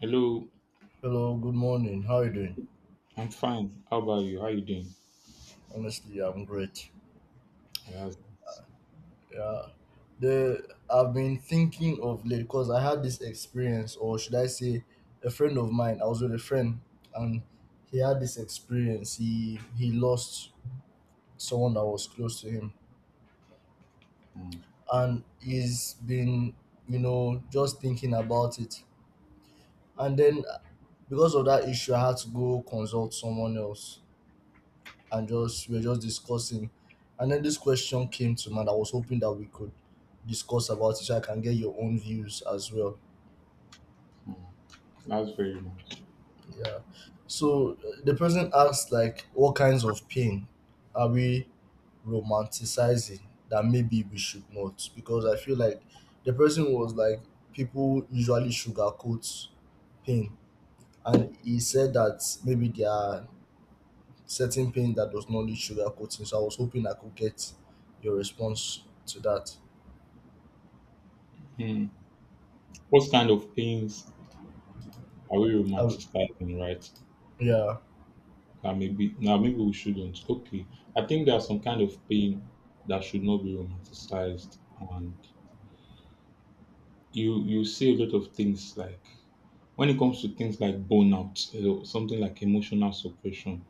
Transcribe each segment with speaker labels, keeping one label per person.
Speaker 1: Hello,
Speaker 2: Hello, good morning. How are you doing?
Speaker 1: I'm fine. How about you? How you doing?
Speaker 2: Honestly, I'm great.
Speaker 1: Yeah, That's,
Speaker 2: Yeah. The I've been thinking of late because I had this experience, or should I say, a friend of mine. I was with a friend, and he had this experience. He lost someone that was close to him,
Speaker 1: mm,
Speaker 2: and he's been, just thinking about it. And then because of that issue, I had to go consult someone else and just we were just discussing. And then this question came to mind. I was hoping that we could discuss about it so I can get your own views as well.
Speaker 1: mm, that's very nice.
Speaker 2: Yeah. So the person asked like what kinds of pain are we romanticizing that maybe we should not? Because I feel like the person was like people usually sugarcoat pain. And he said that maybe there are certain pain that does not need sugarcoating. So I was hoping I could get your response to that.
Speaker 1: Mm. What kind of pains are we
Speaker 2: Uh,
Speaker 1: romanticizing, right?
Speaker 2: yeah.
Speaker 1: Now maybe we shouldn't. Okay, I think there are some kind of pain that should not be romanticized, and you see a lot of things like when it comes to things like burnout, you know, something like emotional suppression.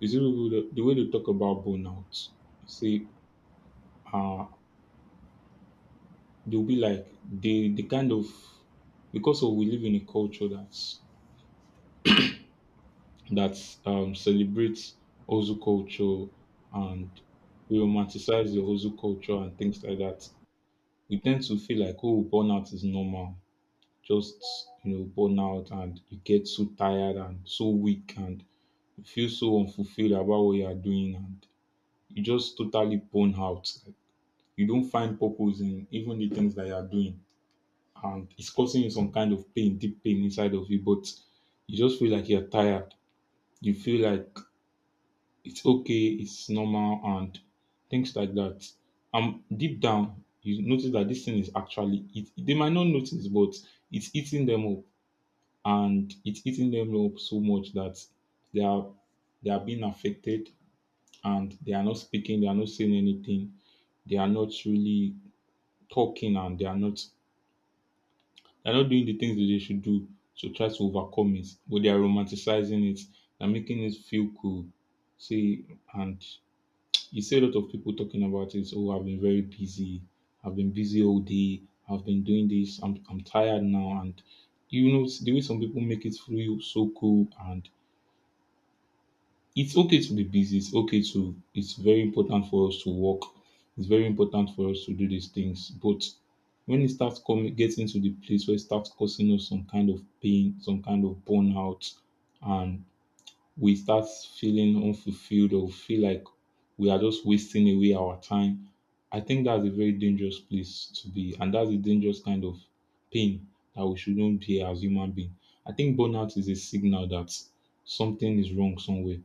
Speaker 1: You see people the way they talk about burnout. See, uh, they'll be like the kind of because of we live in a culture that celebrates Ozu culture and we romanticize the Ozu culture and things like that. We tend to feel like oh burnout is normal. Just you know burnout and you get so tired and so weak and you feel so unfulfilled about what you are doing and you just totally burn out. Like, you don't find purpose in even the things that you are doing and it's causing you some kind of pain, deep pain inside of you, but you just feel like you're tired. You feel like it's okay, it's normal, and things like that. And deep down, you notice that this thing is actually it. They might not notice, but it's eating them up, and it's eating them up so much that they are they are being affected, and they are not speaking, they are not saying anything, they are not really talking, and they're not doing the things that they should do to try to overcome it, but they are romanticizing it. They're making it feel cool. See, and you see a lot of people talking about it. Oh, I've been very busy. I've been busy all day. I've been doing this. I'm tired now. And you know, the way some people make it feel so cool and it's okay to be busy. It's okay to, it's very important for us to work. It's very important for us to do these things. But when it starts coming, getting to the place where it starts causing us some kind of pain, some kind of burnout, and we start feeling unfulfilled or feel like we are just wasting away our time. I think that's a very dangerous place to be, and that's a dangerous kind of pain that we shouldn't be as human being. I think burnout is a signal that something is wrong somewhere.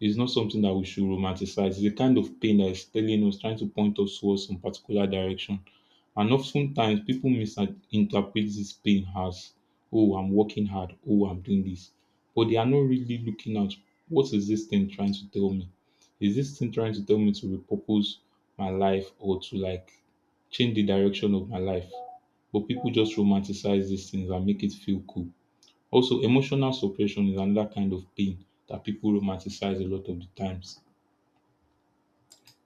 Speaker 1: It's not something that we should romanticize. It's a kind of pain that is telling us, trying to point us towards some particular direction. And oftentimes people misinterpret this pain as, oh, I'm working hard, oh, I'm doing this but they are not really looking at what is this thing trying to tell me? Is this thing trying to tell me to repurpose my life or to like change the direction of my life? But people just romanticize these things and make it feel cool. Also, emotional suppression is another kind of pain that people romanticize a lot of the times.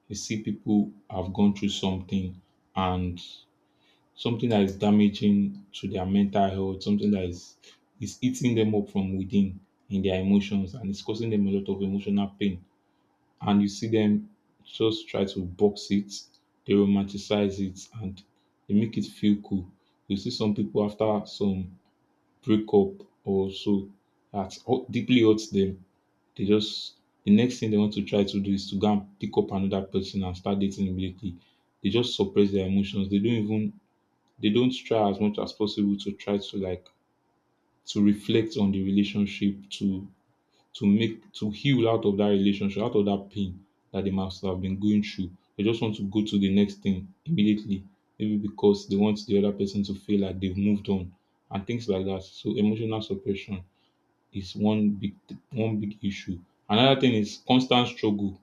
Speaker 1: You see, people have gone through something and something that is damaging to their mental health, something that is eating them up from within in their emotions and it's causing them a lot of emotional pain. And you see them just try to box it, they romanticize it and they make it feel cool. You see some people after some breakup or so that deeply hurts them. They just the next thing they want to try to do is to go and pick up another person and start dating immediately. They just suppress their emotions. They don't try as much as possible to try to like to reflect on the relationship to make to heal out of that relationship out of that pain that they must have been going through, they just want to go to the next thing immediately maybe because they want the other person to feel like they've moved on and things like that. So emotional suppression is one big issue. Another thing is constant struggle.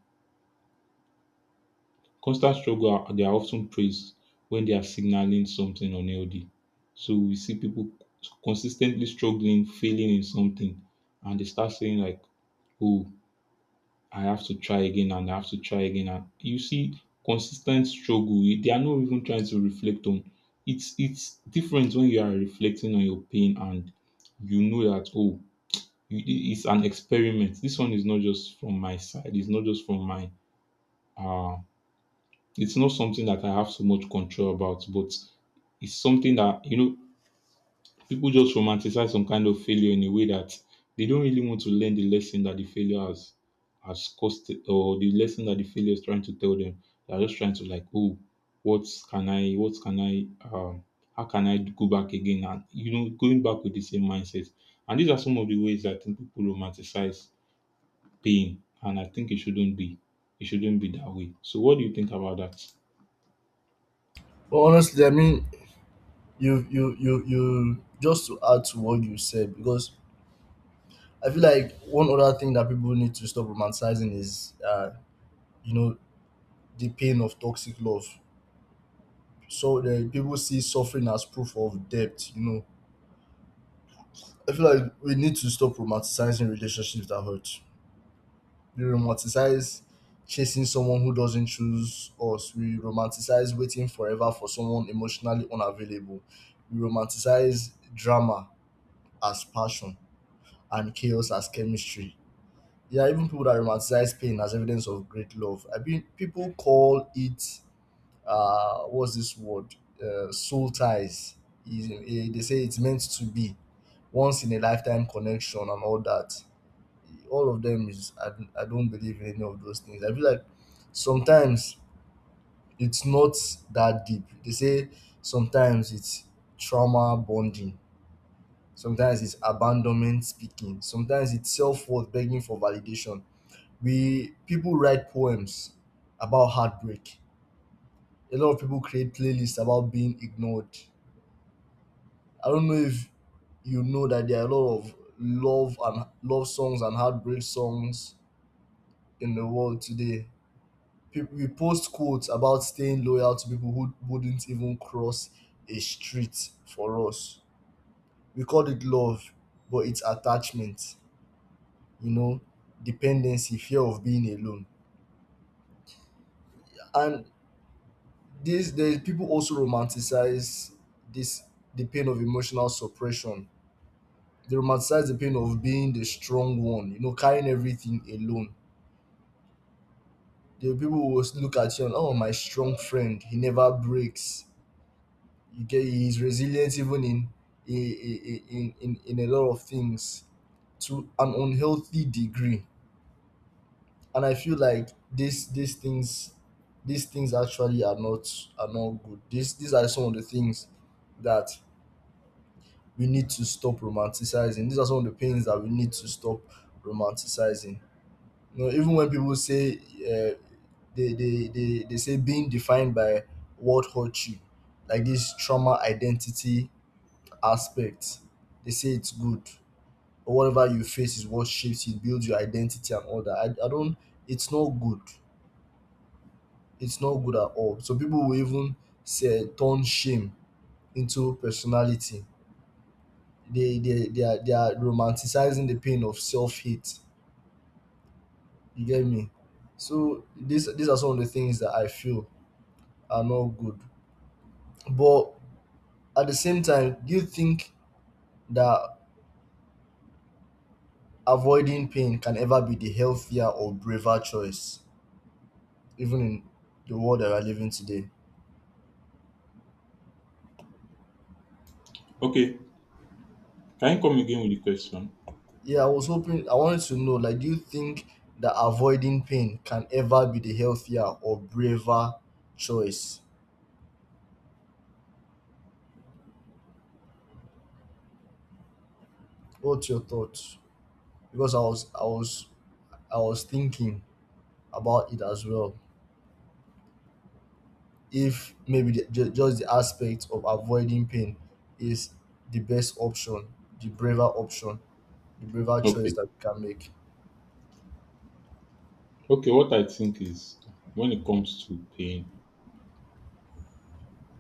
Speaker 1: Constant struggle are they are often praised when they are signaling something unhealthy. So we see people consistently struggling, failing in something, and they start saying like, "Oh, I have to try again, and I have to try again." And you see, consistent struggle. They are not even trying to reflect on. It's different when you are reflecting on your pain and you know that oh, you, it's an experiment. This one is not just from my side. It's not just from my uh it's not something that I have so much control about, but it's something that, you know, people just romanticize some kind of failure in a way that they don't really want to learn the lesson that the failure has cost or the lesson that the failure is trying to tell them. They're just trying to like, oh, what can I um how can I go back again and you know going back with the same mindset. And these are some of the ways that I think people romanticize pain and I think it shouldn't be. It shouldn't be that way. So what do you think about that?
Speaker 2: But honestly, I mean, just to add to what you said, because I feel like one other thing that people need to stop romanticizing is, you know, the pain of toxic love. So the people see suffering as proof of depth. I feel like we need to stop romanticizing relationships that hurt. We romanticize chasing someone who doesn't choose us. We romanticize waiting forever for someone emotionally unavailable. We romanticize drama as passion and chaos as chemistry. There are even people that romanticize pain as evidence of great love. I mean, people call it, what's this word? Soul ties. They say it's meant to be once in a lifetime connection and all that. All of them is, I don't believe in any of those things. I feel like sometimes it's not that deep. They say sometimes it's trauma bonding, sometimes it's abandonment speaking, sometimes it's self worth begging for validation. We people write poems about heartbreak. A lot of people create playlists about being ignored. I don't know if you know that there are a lot of love and love songs and heartbreak songs in the world today. People, we post quotes about staying loyal to people who wouldn't even cross a street for us. We call it love, but it's attachment, you know, dependency, fear of being alone. And this there's people also romanticize this the pain of emotional suppression. They romanticize the pain of being the strong one, you know, carrying everything alone. The people who will look at you and oh my strong friend, he never breaks. You get he's resilient even in a lot of things to an unhealthy degree. And I feel like these things, these things actually are not, are not good. These are some of the things that we need to stop romanticizing. These are some of the pains that we need to stop romanticizing. You know, even when people say they say being defined by what hurt you, like this trauma identity aspect, they say it's good or whatever you face is what shapes, it builds your identity and all that. I don't, it's not good, it's not good at all. So people will even say turn shame into personality. They are romanticizing the pain of self hate. You get me? So these are some of the things that I feel are not good. But at the same time, do you think that avoiding pain can ever be the healthier or braver choice, even in the world that we are living today?
Speaker 1: Okay, can you come again with the question?
Speaker 2: Yeah, I was hoping, I wanted to know, like, do you think that avoiding pain can ever be the healthier or braver choice? What's your thoughts? Because I was thinking about it as well. If maybe just the aspect of avoiding pain is the best option, the braver choice
Speaker 1: Okay.
Speaker 2: that we can make.
Speaker 1: Okay, what I think is when it comes to pain,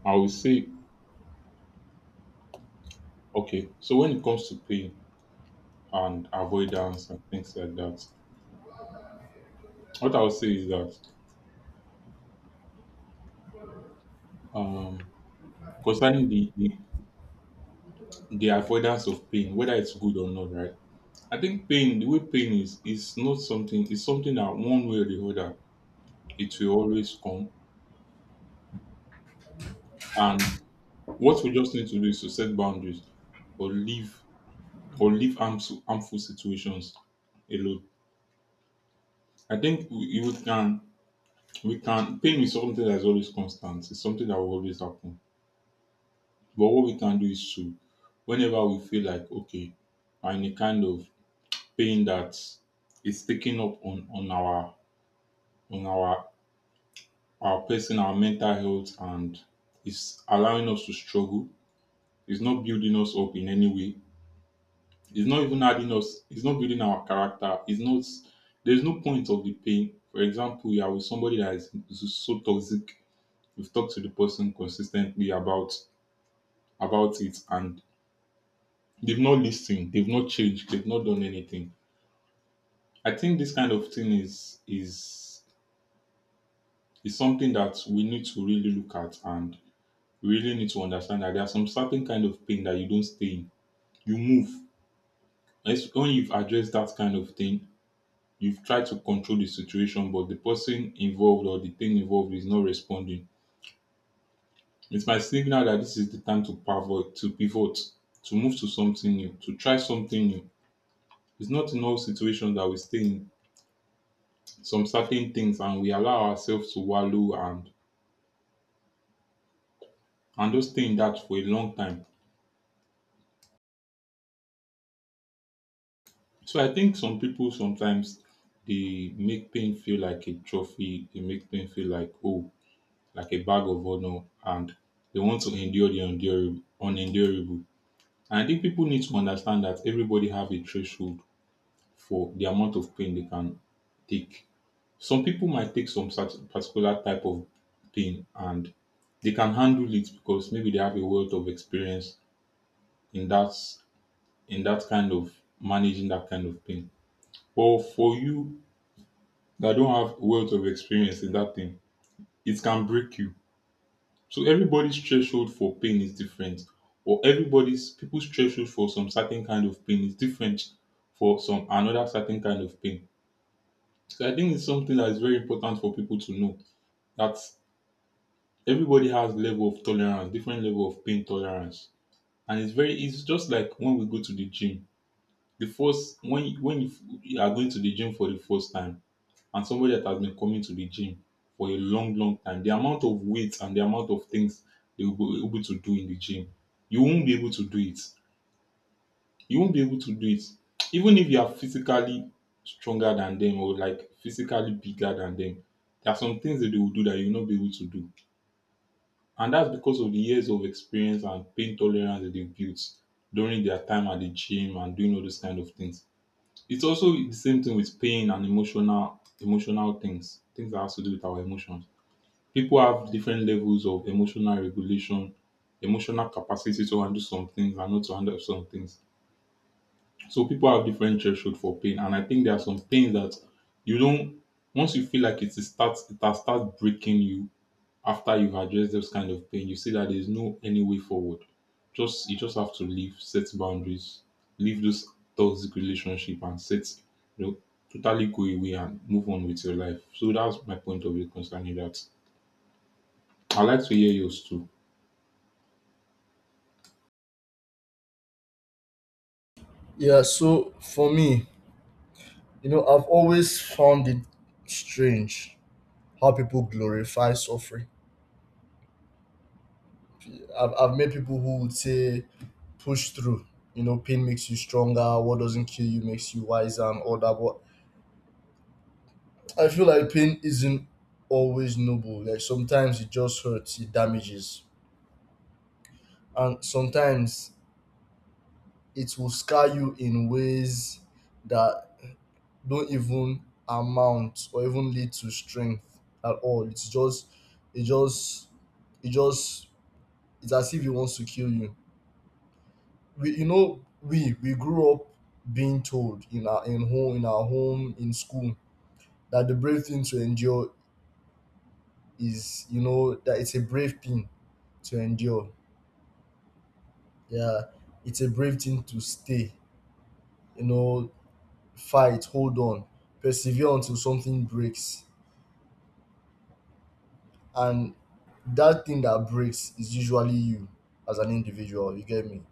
Speaker 1: I will say, okay, so when it comes to pain and avoidance and things like that, what I will say is that um concerning the avoidance of pain, whether it's good or not, right? I think pain, the way pain is not something, it's something that one way or the other, it will always come. And what we just need to do is to set boundaries or leave or leave harmful situations alone. I think we, you can we can pain is something that is always constant. It's something that will always happen. But what we can do is to whenever we feel like okay, we're in a kind of pain that is taking up on our on our our person, our mental health, and is allowing us to struggle. It's not building us up in any way. It's not even adding us. It's not building our character. It's not. There's no point of the pain. For example, you are with somebody that is so toxic. We've talked to the person consistently about it and they've not listened, they've not changed, they've not done anything. I think this kind of thing is is something that we need to really look at and we really need to understand that there are some certain kind of pain that you don't stay in. You move. It's when you've addressed that kind of thing, you've tried to control the situation, but the person involved or the thing involved is not responding. It might signal that this is the time to pivot, to move to something new, to try something new. It's not in all situations that we stay in some certain things and we allow ourselves to wallow and just stay in that for a long time. So I think some people sometimes they make pain feel like a trophy, they make pain feel like oh, like a bag of honor and they want to endure the endurable unendurable. And I think people need to understand that everybody have a threshold for the amount of pain they can take. Some people might take some particular type of pain and they can handle it because maybe they have a wealth of experience in that kind of managing that kind of pain. But for you that don't have wealth of experience in that thing, it can break you. So everybody's threshold for pain is different, or everybody's people's threshold for some certain kind of pain is different for some another certain kind of pain. So I think it's something that is very important for people to know that everybody has level of tolerance, different level of pain tolerance, and it's very. It's just like when we go to the gym. The first you are going to the gym for the first time, and somebody that has been coming to the gym for a long, long time, the amount of weight and the amount of things they will be able to do in the gym, you won't be able to do it. You won't be able to do it, even if you are physically stronger than them or like physically bigger than them. There are some things that they will do that you will not be able to do. And that's because of the years of experience and pain tolerance that they've built during their time at the gym and doing all those kind of things. It's also the same thing with pain and emotional things, things that has to do with our emotions. People have different levels of emotional regulation, emotional capacity to handle some things and not to handle some things. So people have different threshold for pain, and I think there are some pains that you don't. Once you feel like it is starts, it has starts breaking you, after you address those kind of pain, you see that there's no any way forward. Just you just have to leave, set boundaries, leave those toxic relationship and set, you know, totally go away and move on with your life. So that's my point of view concerning that. I'd like to hear yours too.
Speaker 2: Yeah, so for me, you know, I've always found it strange how people glorify suffering. I've met people who would say, push through. You know, pain makes you stronger. What doesn't kill you makes you wiser and all that. But I feel like pain isn't always noble. Like sometimes it just hurts, it damages. And sometimes it will scar you in ways that don't even amount or even lead to strength at all. It's just, it just, it just, it's as if it wants to kill you. We you know we grew up being told in our home, in school that the brave thing to endure is you know that it's a brave thing to endure, yeah, it's a brave thing to stay, you know, fight, hold on, persevere until something breaks, and that thing that breaks is usually you as an individual. You get me?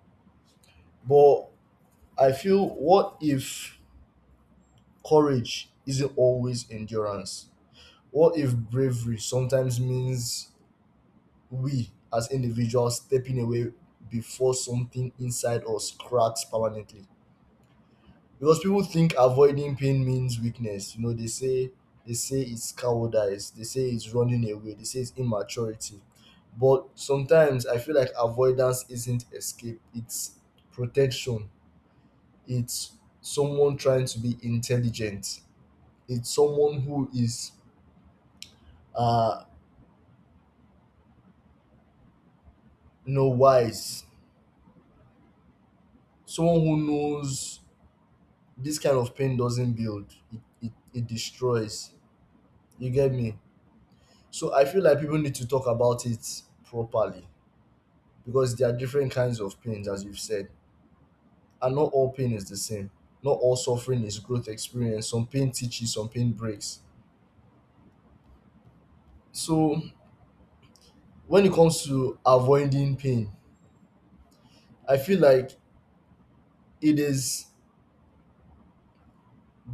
Speaker 2: But I feel, what if courage isn't always endurance? What if bravery sometimes means we as individuals stepping away before something inside us cracks permanently? Because people think avoiding pain means weakness. You know, they say it's cowardice, they say it's running away, they say it's immaturity. But sometimes I feel like avoidance isn't escape, it's protection. It's someone trying to be intelligent. It's someone who is uh you know wise, someone who knows this kind of pain doesn't build, it destroys. You get me? So I feel like people need to talk about it properly because there are different kinds of pains, as you've said, and not all pain is the same, not all suffering is growth experience. Some pain teaches, some pain breaks. So when it comes to avoiding pain, I feel like it is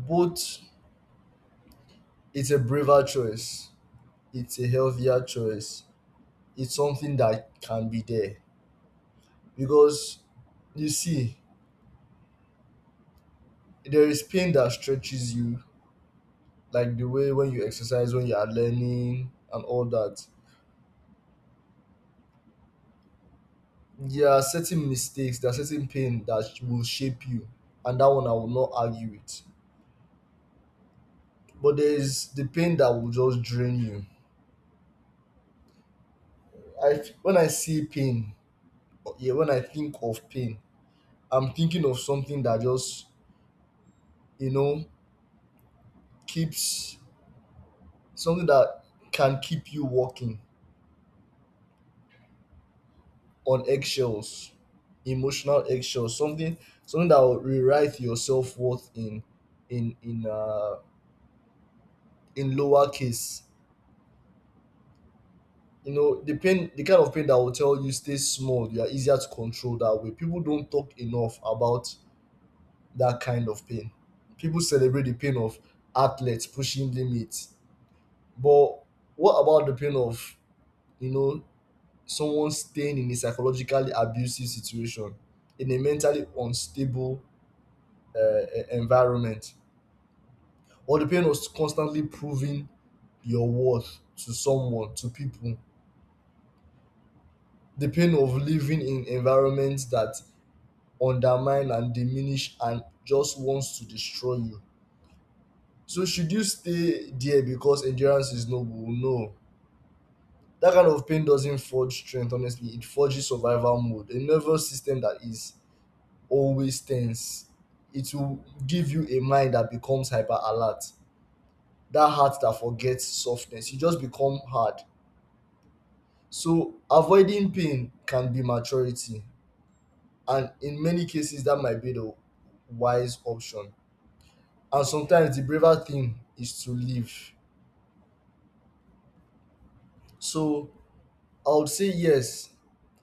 Speaker 2: both. It's a braver choice, it's a healthier choice, it's something that can be there. Because you see, there is pain that stretches you, like the way when you exercise, when you are learning and all that. There are certain mistakes, there are certain pain that will shape you, and that one I will not argue with. But there is the pain that will just drain you. I f- when I see pain or- yeah, when I think of pain, I'm thinking of something that just, you know, keeps, something that can keep you walking on eggshells, emotional eggshells, something, something that will rewrite your self worth in in uh in lower case. You know, the kind of pain that will tell you stay small, you are easier to control that way. People don't talk enough about that kind of pain. People celebrate the pain of athletes pushing limits. But what about the pain of, you know, someone staying in a psychologically abusive situation, in a mentally unstable environment, or the pain of constantly proving your worth to someone, to people. The pain of living in environments that undermine and diminish and just wants to destroy you. So should you stay there because endurance is noble? No. That kind of pain doesn't forge strength, honestly. It forges survival mode. A nervous system that is always tense. It will give you a mind that becomes hyper alert, that heart that forgets softness. You just become hard. So avoiding pain can be maturity, and in many cases, that might be the wise option. And sometimes the braver thing is to live. So I would say yes,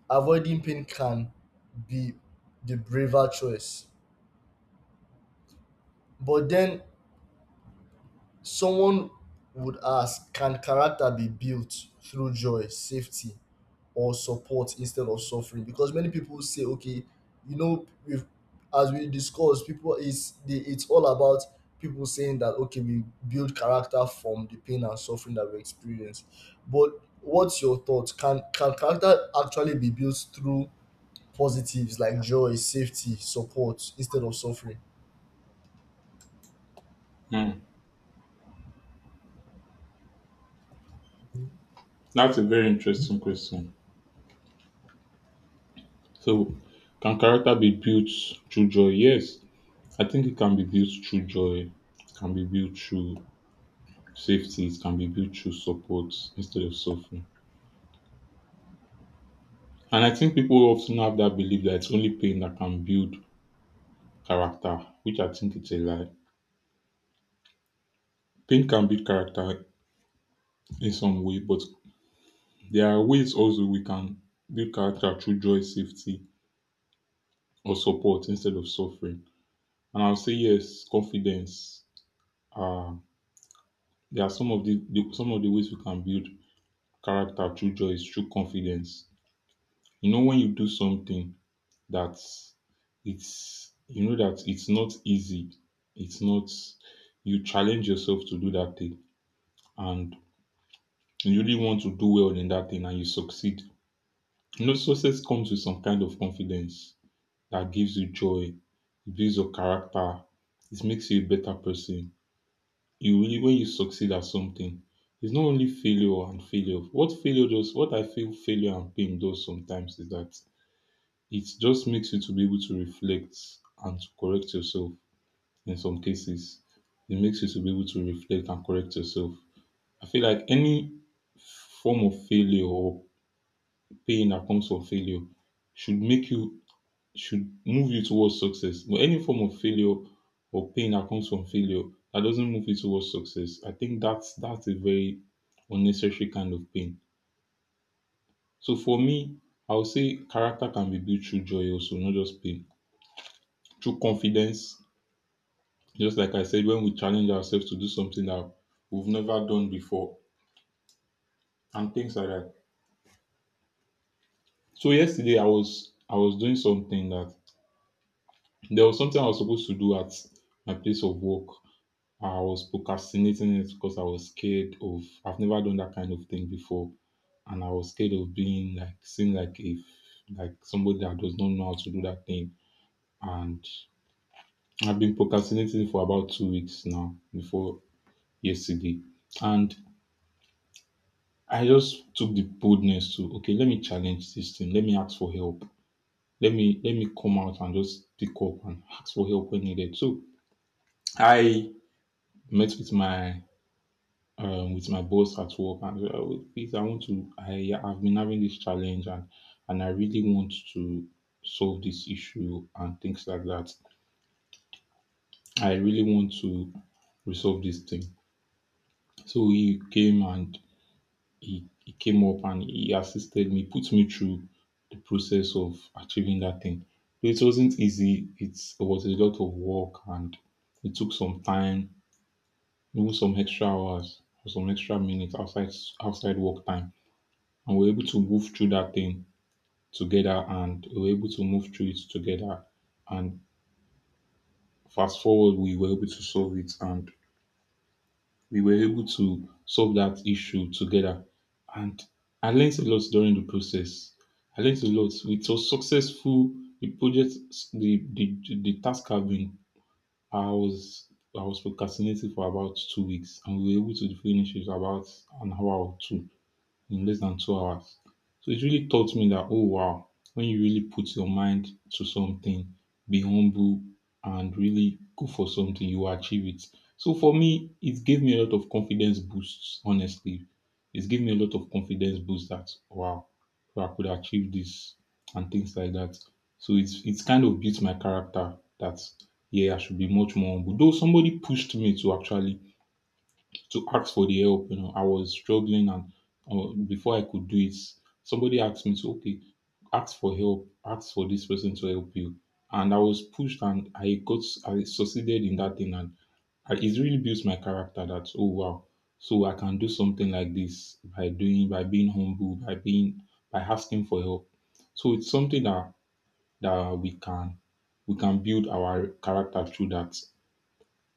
Speaker 2: avoiding pain can be the braver choice. But then someone would ask, can character be built through joy, safety, or support instead of suffering? Because many people say, okay, you know, we've as we discussed, people is the it's all about people saying that okay, we build character from the pain and suffering that we experience. But what's your thought? Can character actually be built through positives like joy, safety, support instead of suffering?
Speaker 1: Hmm. That's a very interesting question. So can character be built through joy? Yes. I think it can be built through joy. It can be built through safety. It can be built through support instead of suffering. And I think people often have that belief that it's only pain that can build character, which I think it's a lie. Pain can build character in some way, but there are ways also we can build character through joy, safety, or support instead of suffering. And I'll say yes, confidence. Um, there are some of the some of the ways we can build character through joy is through confidence. You know, when you do something, that it's, you know, that it's not easy. It's not, you challenge yourself to do that thing and you really want to do well in that thing and you succeed. You know, success comes with some kind of confidence that gives you joy, it builds your character, it makes you a better person. You really, when you succeed at something, it's not only failure and failure. What failure does, what I feel failure and pain does sometimes is that it just makes you to be able to reflect and to correct yourself in some cases. It makes you to be able to reflect and correct yourself. I feel like any form of failure or pain that comes from failure should make you, should move you towards success. But any form of failure or pain that comes from failure that doesn't move you towards success, I think that's a very unnecessary kind of pain. So for me, I would say character can be built through joy also, not just pain. Through confidence, just like I said, when we challenge ourselves to do something that we've never done before and things like that. So yesterday I was doing something that there was something I was supposed to do at my place of work. I was procrastinating it because I was scared of, I've never done that kind of thing before and I was scared of being like seen like if like somebody that does not know how to do that thing. And I've been procrastinating for about 2 weeks now before yesterday. And I just took the boldness to, okay, let me challenge this thing. Let me ask for help. Let me come out and just pick up and ask for help when needed. So I met with my, with my boss at work and, please, I want to, I have been having this challenge and I really want to solve this issue and things like that. I really want to resolve this thing. So he came and he came up and he assisted me, put me through the process of achieving that thing. It wasn't easy. It's, it was a lot of work and it took some time, even some extra hours or some extra minutes outside outside work time. And we were able to move through that thing together and we were able to move through it together. And fast forward, we were able to solve it and we were able to solve that issue together. And I learned a lot during the process. I learned a lot. It was successful. The project, the task have been. I was I was procrastinating for about 2 weeks, and we were able to finish it about an hour or two, in less than 2 hours. So it really taught me that, oh wow, when you really put your mind to something, be humble and really go for something, you will achieve it. So for me, it gave me a lot of confidence boosts, honestly. It gave me a lot of confidence boost that, wow, I could achieve this and things like that. So it's kind of built my character that yeah, I should be much more humble. Though somebody pushed me to actually to ask for the help. You know, I was struggling, and before I could do it, somebody asked me to, okay, ask for help, ask for this person to help you. And I was pushed, and I got, I succeeded in that thing, and it really builds my character. That, oh wow, so I can do something like this by doing, by being humble, by being, by asking for help. So it's something that that we can we can build our character through that,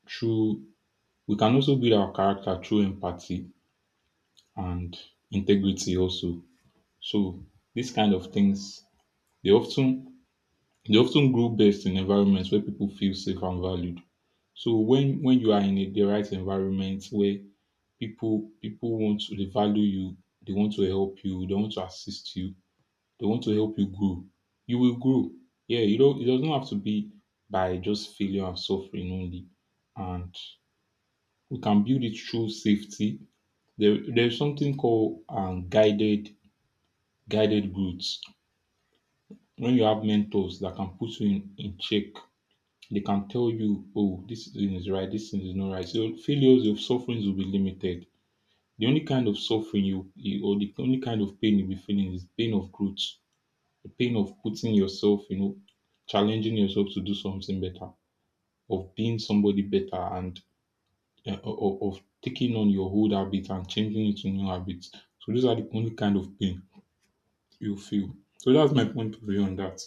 Speaker 1: through, we can also build our character through empathy and integrity also. So these kind of things, they often, they often grow best in environments where people feel safe and valued. So when you are in a, the right environment where people, people want to, they value you, they want to help you, they want to assist you, they want to help you grow, you will grow. Yeah, you don't, it doesn't have to be by just failure and suffering only. And we can build it through safety. There, there's something called, guided growth. When you have mentors that can put you in check, they can tell you, oh, this thing is right, this thing is not right. So failures, your sufferings will be limited. The only kind of suffering you, you, or the only kind of pain you'll be feeling is pain of growth, the pain of putting yourself, you know, challenging yourself to do something better, of being somebody better and, of taking on your old habits and changing it to new habits. So those are the only kind of pain you feel. So that's my point of view on that.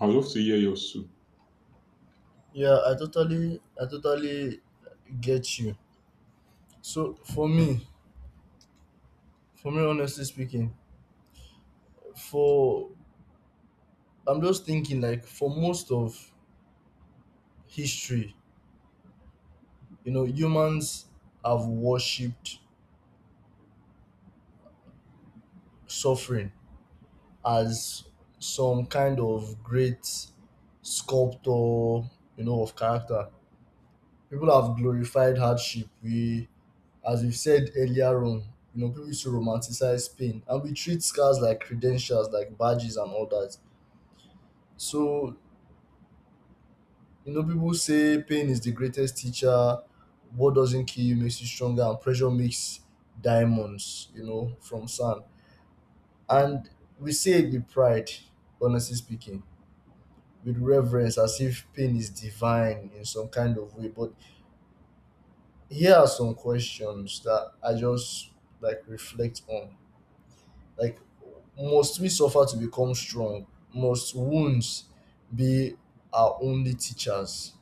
Speaker 1: I'd love to hear yours too.
Speaker 2: I totally get you. So for me, honestly speaking, for I'm just thinking like for most of history, you know, humans have worshipped suffering as some kind of great sculptor, you know, of character. People have glorified hardship. We, as we've said earlier on, you know, people used to romanticize pain and we treat scars like credentials, like badges and all that. So, you know, people say pain is the greatest teacher. What doesn't kill you makes you stronger, and pressure makes diamonds, you know, from sand. And we say it with pride, honestly speaking, with reverence, as if pain is divine in some kind of way. But here are some questions that I just like reflect on. Like, must we suffer to become strong? Must wounds be our only teachers?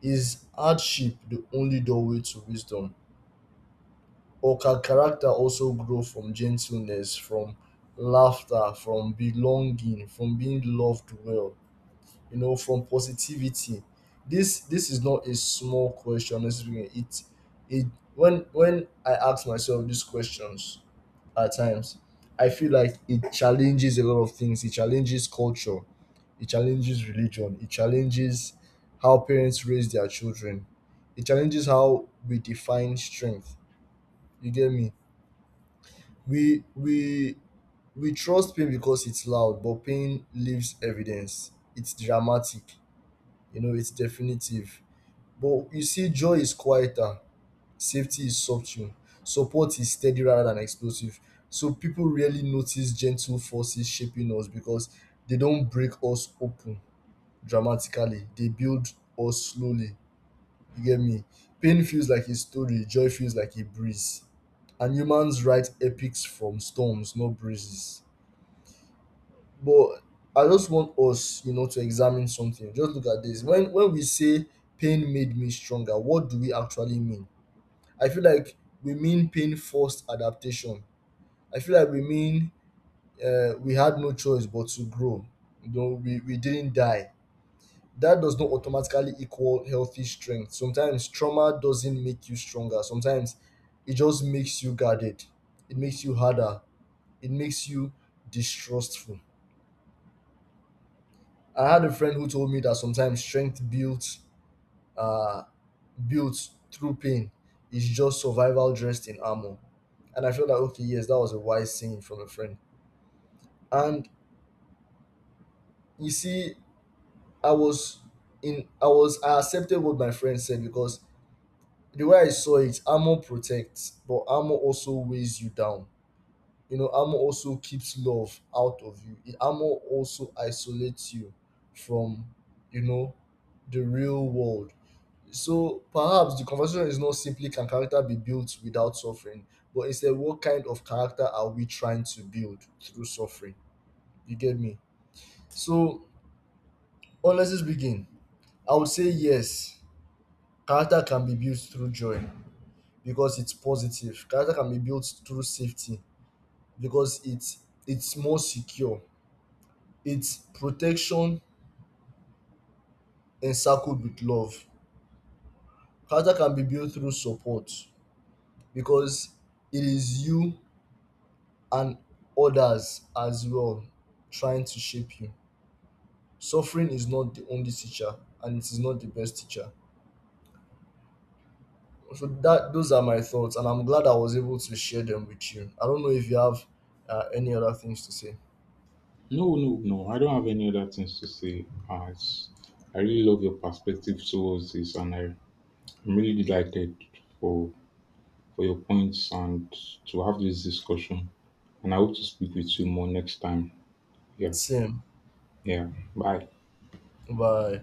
Speaker 2: Is hardship the only doorway to wisdom, or can character also grow from gentleness, from laughter, from belonging, from being loved well, you know, from positivity? This is not a small question. It's it it when I ask myself these questions, at times. I feel like it challenges a lot of things. It challenges culture, it challenges religion, it challenges how parents raise their children, it challenges how we define strength. You get me? We we we trust pain because it's loud, but pain leaves evidence. It's dramatic, you know, it's definitive. But you see, joy is quieter, safety is subtle, support is steady rather than explosive. So people rarely notice gentle forces shaping us because they don't break us open dramatically. They build us slowly. You get me? Pain feels like a story, joy feels like a breeze. And humans write epics from storms, not breezes. But I just want us, you know, to examine something. Just look at this. When we say pain made me stronger, what do we actually mean? I feel like we mean pain forced adaptation. I feel like we mean we had no choice but to grow. You know, we didn't die. That does not automatically equal healthy strength. Sometimes trauma doesn't make you stronger. Sometimes it just makes you guarded. It makes you harder. It makes you distrustful. I had a friend who told me that sometimes strength uh, built through pain is just survival dressed in armor. And I felt like, okay, yes, that was a wise saying from a friend. And you see, I was in, I was, I accepted what my friend said because the way I saw it, armor protects, but armor also weighs you down. You know, armor also keeps love out of you. Armor also isolates you from, you know, the real world. So perhaps the conversation is not simply can character be built without suffering, but instead what kind of character are we trying to build through suffering? You get me? So honestly speaking, I would say yes, character can be built through joy because it's positive. Character can be built through safety because it's more secure. It's protection encircled with love. Character can be built through support because it is you and others as well trying to shape you. Suffering is not the only teacher and it is not the best teacher. So that those are my thoughts and I'm glad I was able to share them with you. I don't know if you have any other things to say.
Speaker 1: No, no, no. I don't have any other things to say. It's, I really love your perspective towards this, and I, I'm really delighted for for your points and to have this discussion. And I hope to speak with you more next time. Yeah,
Speaker 2: Same.
Speaker 1: yeah. Bye.
Speaker 2: Bye.